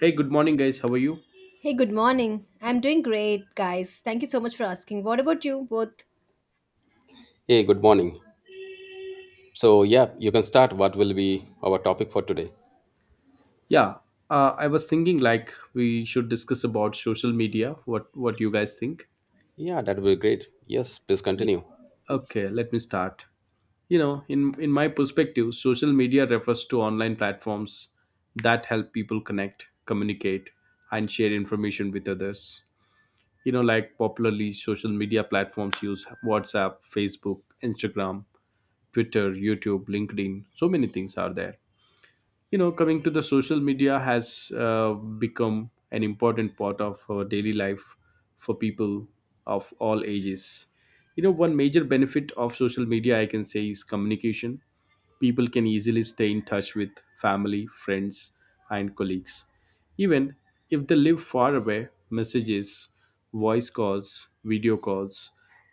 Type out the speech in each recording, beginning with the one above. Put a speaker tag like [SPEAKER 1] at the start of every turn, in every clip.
[SPEAKER 1] Hey, good morning, guys. How are you?
[SPEAKER 2] Hey, good morning. I'm doing great, guys. Thank you so much for asking. What about you both?
[SPEAKER 3] Hey, good morning. So, yeah, you can start. What will be our topic for today?
[SPEAKER 1] Yeah, I was thinking like we should discuss about social media. What you guys think?
[SPEAKER 3] Yeah, that will be great. Yes, please continue.
[SPEAKER 1] Okay,
[SPEAKER 2] Yes.
[SPEAKER 1] let me start. You know, in my perspective, social media refers to online platforms that help people connect, communicate, and share information with others. You know, like popularly social media platforms use WhatsApp, Facebook, Instagram, Twitter, YouTube, LinkedIn. So many things are there. You know, coming to the social media has become an important part of our daily life, for people of all ages. You know, one major benefit of social media I can say is communication. People can easily stay in touch with family, friends, and colleagues, even if they live far away. Messages, voice calls, video calls,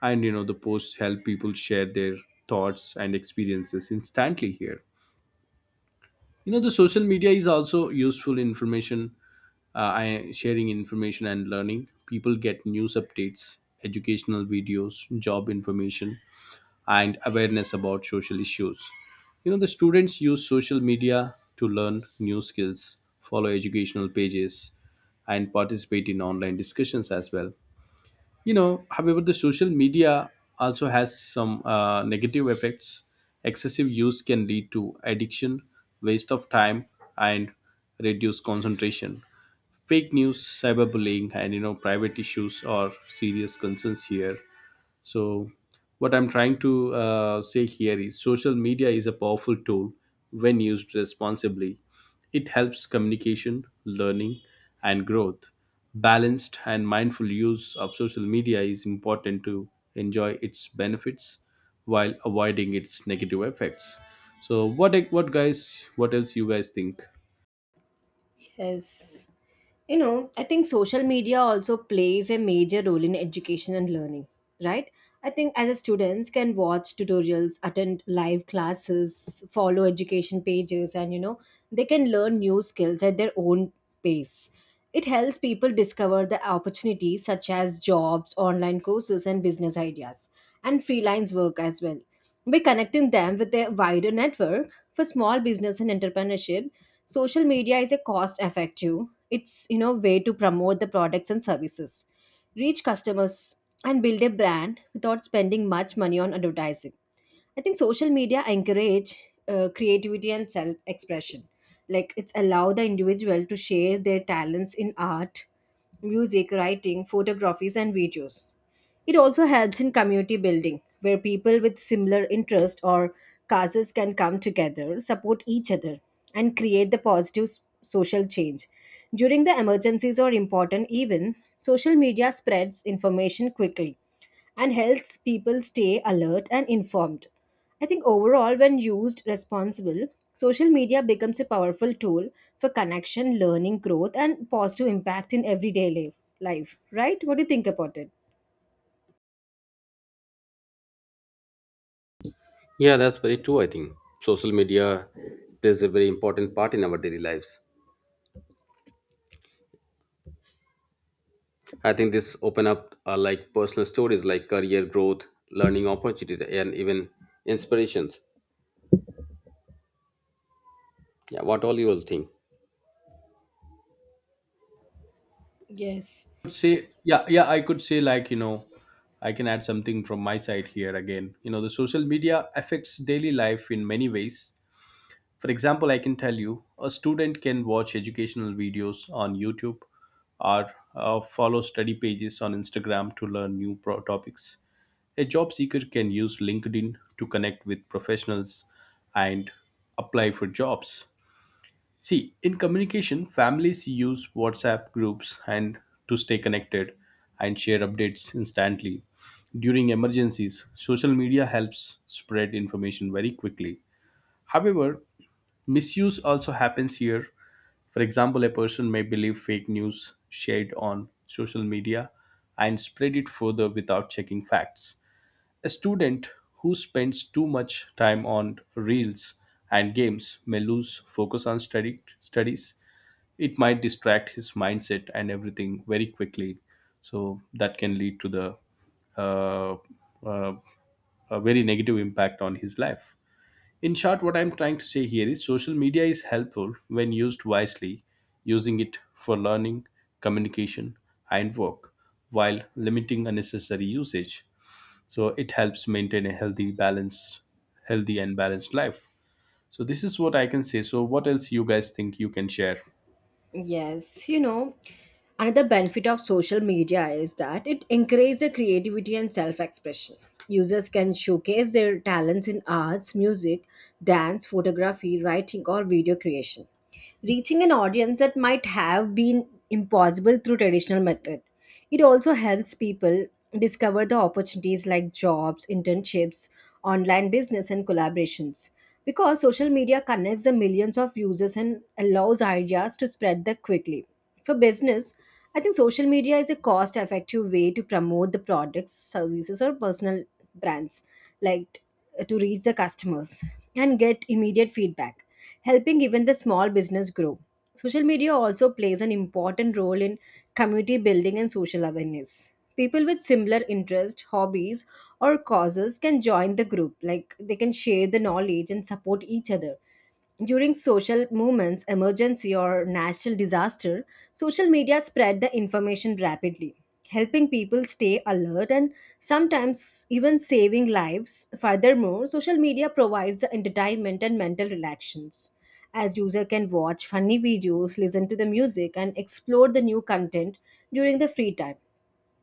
[SPEAKER 1] and you know, the posts help people share their thoughts and experiences instantly here. You know, the social media is also useful information, sharing information and learning. People get news updates, educational videos, job information, and awareness about social issues. You know, the students use social media to learn new skills, follow educational pages, and participate in online discussions as well. You know, however, the social media also has some negative effects. Excessive use can lead to addiction, waste of time, and reduced concentration. Fake news, cyberbullying, and you know, private issues are serious concerns here. So, what I'm trying to say here is social media is a powerful tool when used responsibly. It helps communication, learning, and growth. Balanced and mindful use of social media is important to enjoy its benefits while avoiding its negative effects. So, what guys? What else you guys think?
[SPEAKER 2] Yes. I think social media also plays a major role in education and learning, right? I think as a students can watch tutorials, attend live classes, follow education pages and they can learn new skills at their own pace. It helps people discover the opportunities such as jobs, online courses and business ideas and freelance work as well. By connecting them with a wider network for small business and entrepreneurship, social media is a cost effective it's way to promote the products and services, reach customers, and build a brand without spending much money on advertising. I think social media encourage creativity and self expression. Like it's allow the individual to share their talents in art, music, writing, photographies, and videos. It also helps in community building, where people with similar interests or causes can come together, support each other, and create the positive social change. During the emergencies or important events, social media spreads information quickly and helps people stay alert and informed. I think overall, when used responsible, social media becomes a powerful tool for connection, learning, growth, and positive impact in everyday life. Right? What do you think about it?
[SPEAKER 3] Yeah, that's very true, I think. Social media plays a very important part in our daily lives. I think this open up like personal stories like career growth, learning opportunity, and even inspirations. Yeah, what all you will think.
[SPEAKER 2] Yes.
[SPEAKER 1] Say yeah yeah I could say, I can add something from my side here again. You know, the social media affects daily life in many ways. For example, I can tell you a student can watch educational videos on YouTube, or follow study pages on Instagram to learn new topics. A job seeker can use LinkedIn to connect with professionals and apply for jobs. See, in communication, families use WhatsApp groups and to stay connected and share updates instantly. During emergencies, social media helps spread information very quickly. However, misuse also happens here. For example, a person may believe fake news shared on social media and spread it further without checking facts. A student who spends too much time on reels and games may lose focus on studies. It might distract his mindset and everything very quickly, so that can lead to the uh, uh, a very negative impact on his life. In short, what I'm trying to say here is social media is helpful when used wisely, using it for learning, communication, and work, while limiting unnecessary usage. So it helps maintain a healthy balance, healthy and balanced life. So this is what I can say. So what else you guys think? You can share.
[SPEAKER 2] Yes, you know, another benefit of social media is that it encourages creativity and self expression. Users can showcase their talents in arts, music, dance, photography, writing, or video creation, reaching an audience that might have been impossible through traditional method. It also helps people discover the opportunities like jobs, internships, online business, and collaborations because social media connects the millions of users and allows ideas to spread that quickly. For business, I think social media is a cost effective way to promote the products, services, or personal brands, like to reach the customers and get immediate feedback, helping even the small business grow. Social media also plays an important role in community building and social awareness. People with similar interests, hobbies, or causes can join the group like they can share the knowledge and support each other during social movements, emergency, or national disaster. Social media spread the information rapidly, helping people stay alert and sometimes even saving lives. Furthermore, social media provides the entertainment and mental relaxations as user can watch funny videos, listen to the music, and explore the new content during the free time.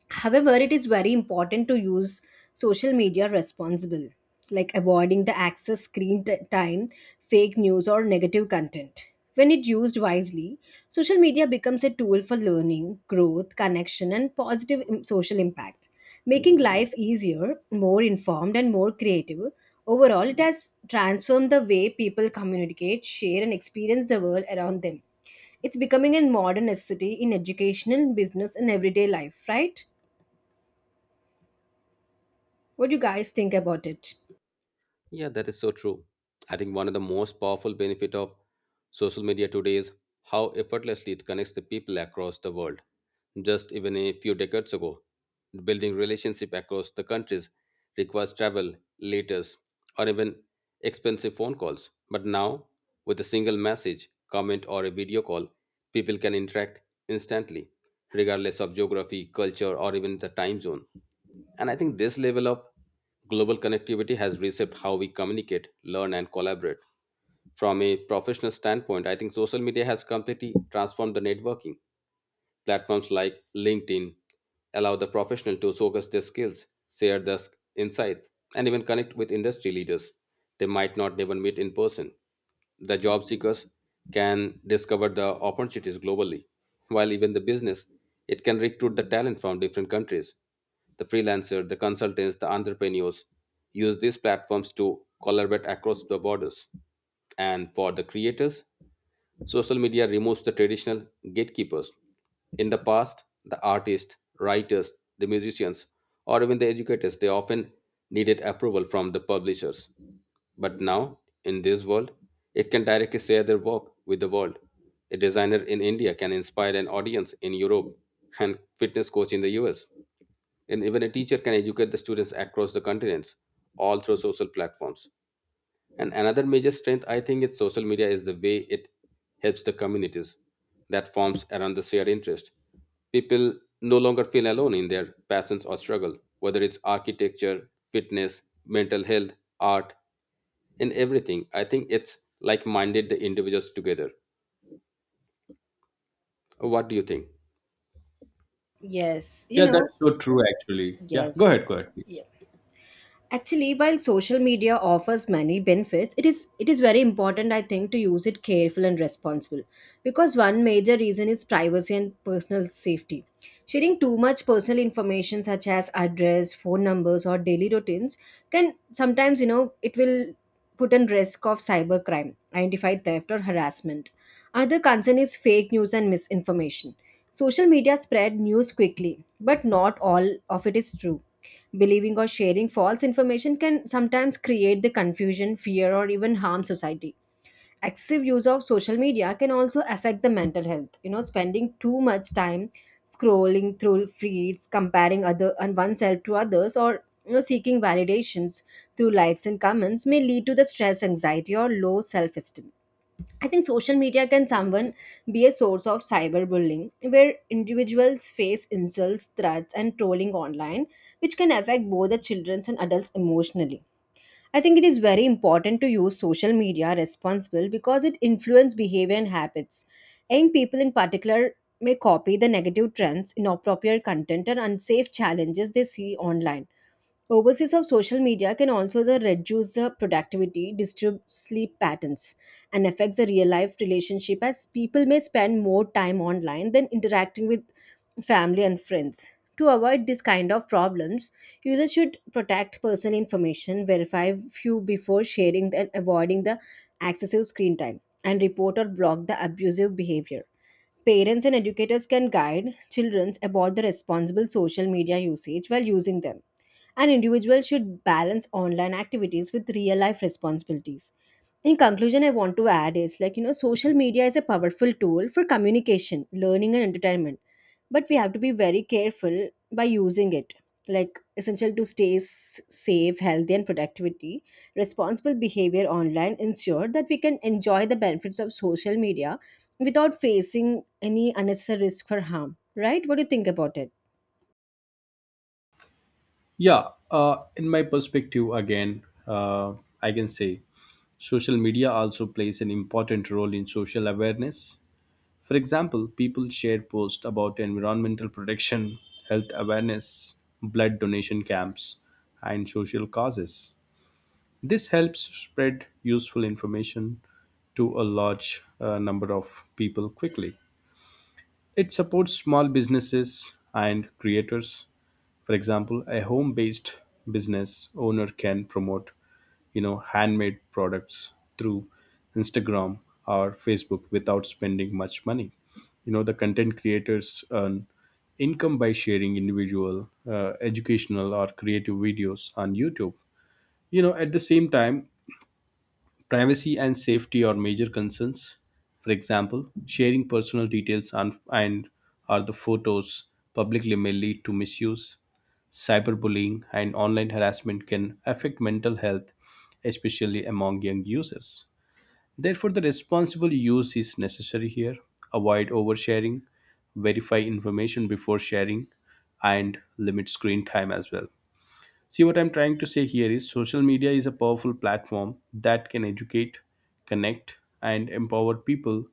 [SPEAKER 2] However, it is very important to use social media responsible, like avoiding the excess screen time, fake news, or negative content. When it used wisely, social media becomes a tool for learning, growth, connection, and positive social impact, making life easier, more informed, and more creative. Overall, it has transformed the way people communicate, share, and experience the world around them. It's becoming a modern necessity in education, business, and everyday life, right? What do you guys think about it?
[SPEAKER 3] Yeah, that is so true. I think one of the most powerful benefit of social media today is how effortlessly it connects the people across the world. Just even a few decades ago, building relationship across the countries requires travel, letters, or even expensive phone calls. But now, with a single message, comment, or a video call, people can interact instantly, regardless of geography, culture, or even the time zone. And I think this level of global connectivity has reshaped how we communicate, learn, and collaborate. From a professional standpoint, I think social media has completely transformed the networking. Platforms like LinkedIn allow the professional to showcase their skills, share their insights, and even connect with industry leaders they might not even meet in person. The job seekers can discover the opportunities globally, while even the business it can recruit the talent from different countries. The freelancer, the consultants, the entrepreneurs use these platforms to collaborate across the borders. And for the creators, social media removes the traditional gatekeepers. In the past, the artists, writers, the musicians, or even the educators, they often needed approval from the publishers. But now, in this world, it can directly share their work with the world. A designer in India can inspire an audience in Europe and fitness coach in the US. And even a teacher can educate the students across the continents, all through social platforms. And another major strength, I think, is social media is the way it helps the communities that forms around the shared interest. People no longer feel alone in their passions or struggle, whether it's architecture, fitness, mental health, art, and everything. I think it's like-minded the individuals together. What do you think?
[SPEAKER 2] Yes, you
[SPEAKER 1] Yeah,
[SPEAKER 2] know,
[SPEAKER 1] that's so true, actually. Yeah,
[SPEAKER 2] yes.
[SPEAKER 1] go ahead, please.
[SPEAKER 2] Yeah. Actually, while social media offers many benefits, it is very important I think to use it careful and responsible because one major reason is privacy and personal safety. Sharing too much personal information such as address, phone numbers or daily routines can sometimes, it will put in risk of cybercrime, identified theft or harassment. Another concern is fake news and misinformation. Social media spread news quickly, but not all of it is true. Believing or sharing false information can sometimes create the confusion, fear, or even harm society. Excessive use of social media can also affect the mental health. Spending too much time scrolling through feeds, comparing other and oneself to others, or seeking validations through likes and comments may lead to the stress, anxiety, or low self-esteem. I think social media can someone be a source of cyberbullying, where individuals face insults, threats, and trolling online, which can affect both the children and adults emotionally. I think it is very important to use social media responsible because it influences behavior and habits. Young people in particular may copy the negative trends, inappropriate content, and unsafe challenges they see online. Overseas of social media can also the reduce the productivity, disturb sleep patterns, and affects the real life relationship as people may spend more time online than interacting with family and friends. To avoid this kind of problems, users should protect personal information, verify few before sharing and avoiding the excessive screen time, and report or block the abusive behavior. Parents and educators can guide children about the responsible social media usage while using them an individual should balance online activities with real life responsibilities. In conclusion, I want to add is like, social media is a powerful tool for communication, learning, and entertainment. But we have to be very careful by using it. Like, essential to stay safe, healthy, and productivity, responsible behavior online ensure that we can enjoy the benefits of social media without facing any unnecessary risk for harm. Right? What do you think about it?
[SPEAKER 1] Yeah, in my perspective, again, I can say social media also plays an important role in social awareness. For example, people share posts about environmental protection, health awareness, blood donation camps, and social causes. This helps spread useful information to a large number of people quickly. It supports small businesses and creators. For example, a home-based business owner can promote, you know, handmade products through Instagram or Facebook without spending much money. You know, the content creators earn income by sharing individual, educational, or creative videos on YouTube. You know, at the same time, privacy and safety are major concerns. For example, sharing personal details and are the photos publicly may lead to misuse. Cyberbullying and online harassment can affect mental health, especially among young users. Therefore, the responsible use is necessary here. Avoid oversharing, verify information before sharing, and limit screen time as well. See, what I'm trying to say here is social media is a powerful platform that can educate, connect, and empower people.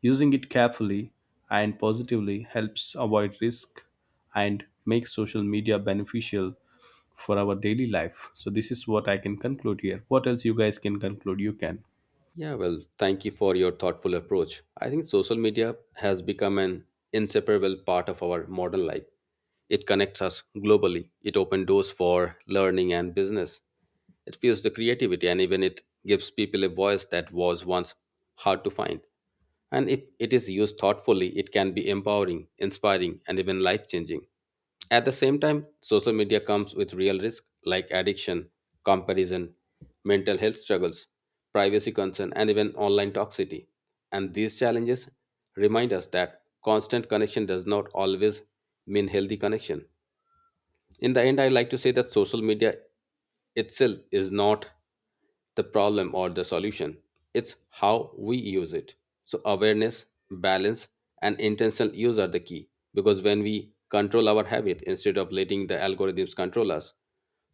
[SPEAKER 1] Using it carefully and positively helps avoid risk and make social media beneficial for our daily life. So, this is what I can conclude here. What else you guys can conclude? You can.
[SPEAKER 3] Yeah, well, thank you for your thoughtful approach. I think social media has become an inseparable part of our modern life. It connects us globally. It opens doors for learning and business. It fuels the creativity and even it gives people a voice that was once hard to find. And if it is used thoughtfully, it can be empowering, inspiring, and even life changing. At the same time, social media comes with real risks like addiction, comparison, mental health struggles, privacy concern, and even online toxicity. And these challenges remind us that constant connection does not always mean healthy connection. In the end, I like to say that social media itself is not the problem or the solution. It's how we use it. So awareness, balance, and intentional use are the key, because when we control our habit instead of letting the algorithms control us,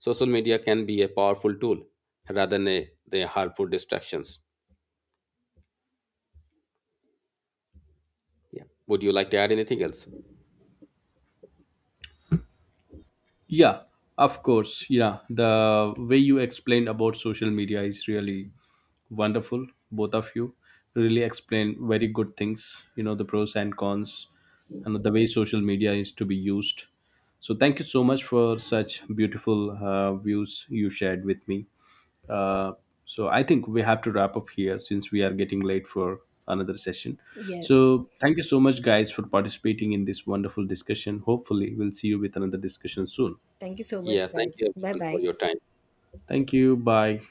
[SPEAKER 3] social media can be a powerful tool rather than the harmful distractions. Yeah, would you like to add anything else?
[SPEAKER 1] Yeah, of course. Yeah, the way you explained about social media is really wonderful. Both of you really explained very good things, you know, the pros and cons and the way social media is to be used. So thank you so much for such beautiful views you shared with me. Uh, so I think we have to wrap up here since we are getting late for another session.
[SPEAKER 2] Yes.
[SPEAKER 1] So thank you so much, guys, for participating in this wonderful discussion. Hopefully, we'll see you with another discussion soon.
[SPEAKER 2] Thank you so much,
[SPEAKER 3] Yeah, thank you
[SPEAKER 2] guys. Bye
[SPEAKER 3] everyone for
[SPEAKER 2] bye.
[SPEAKER 3] your time.
[SPEAKER 1] Thank you. Bye.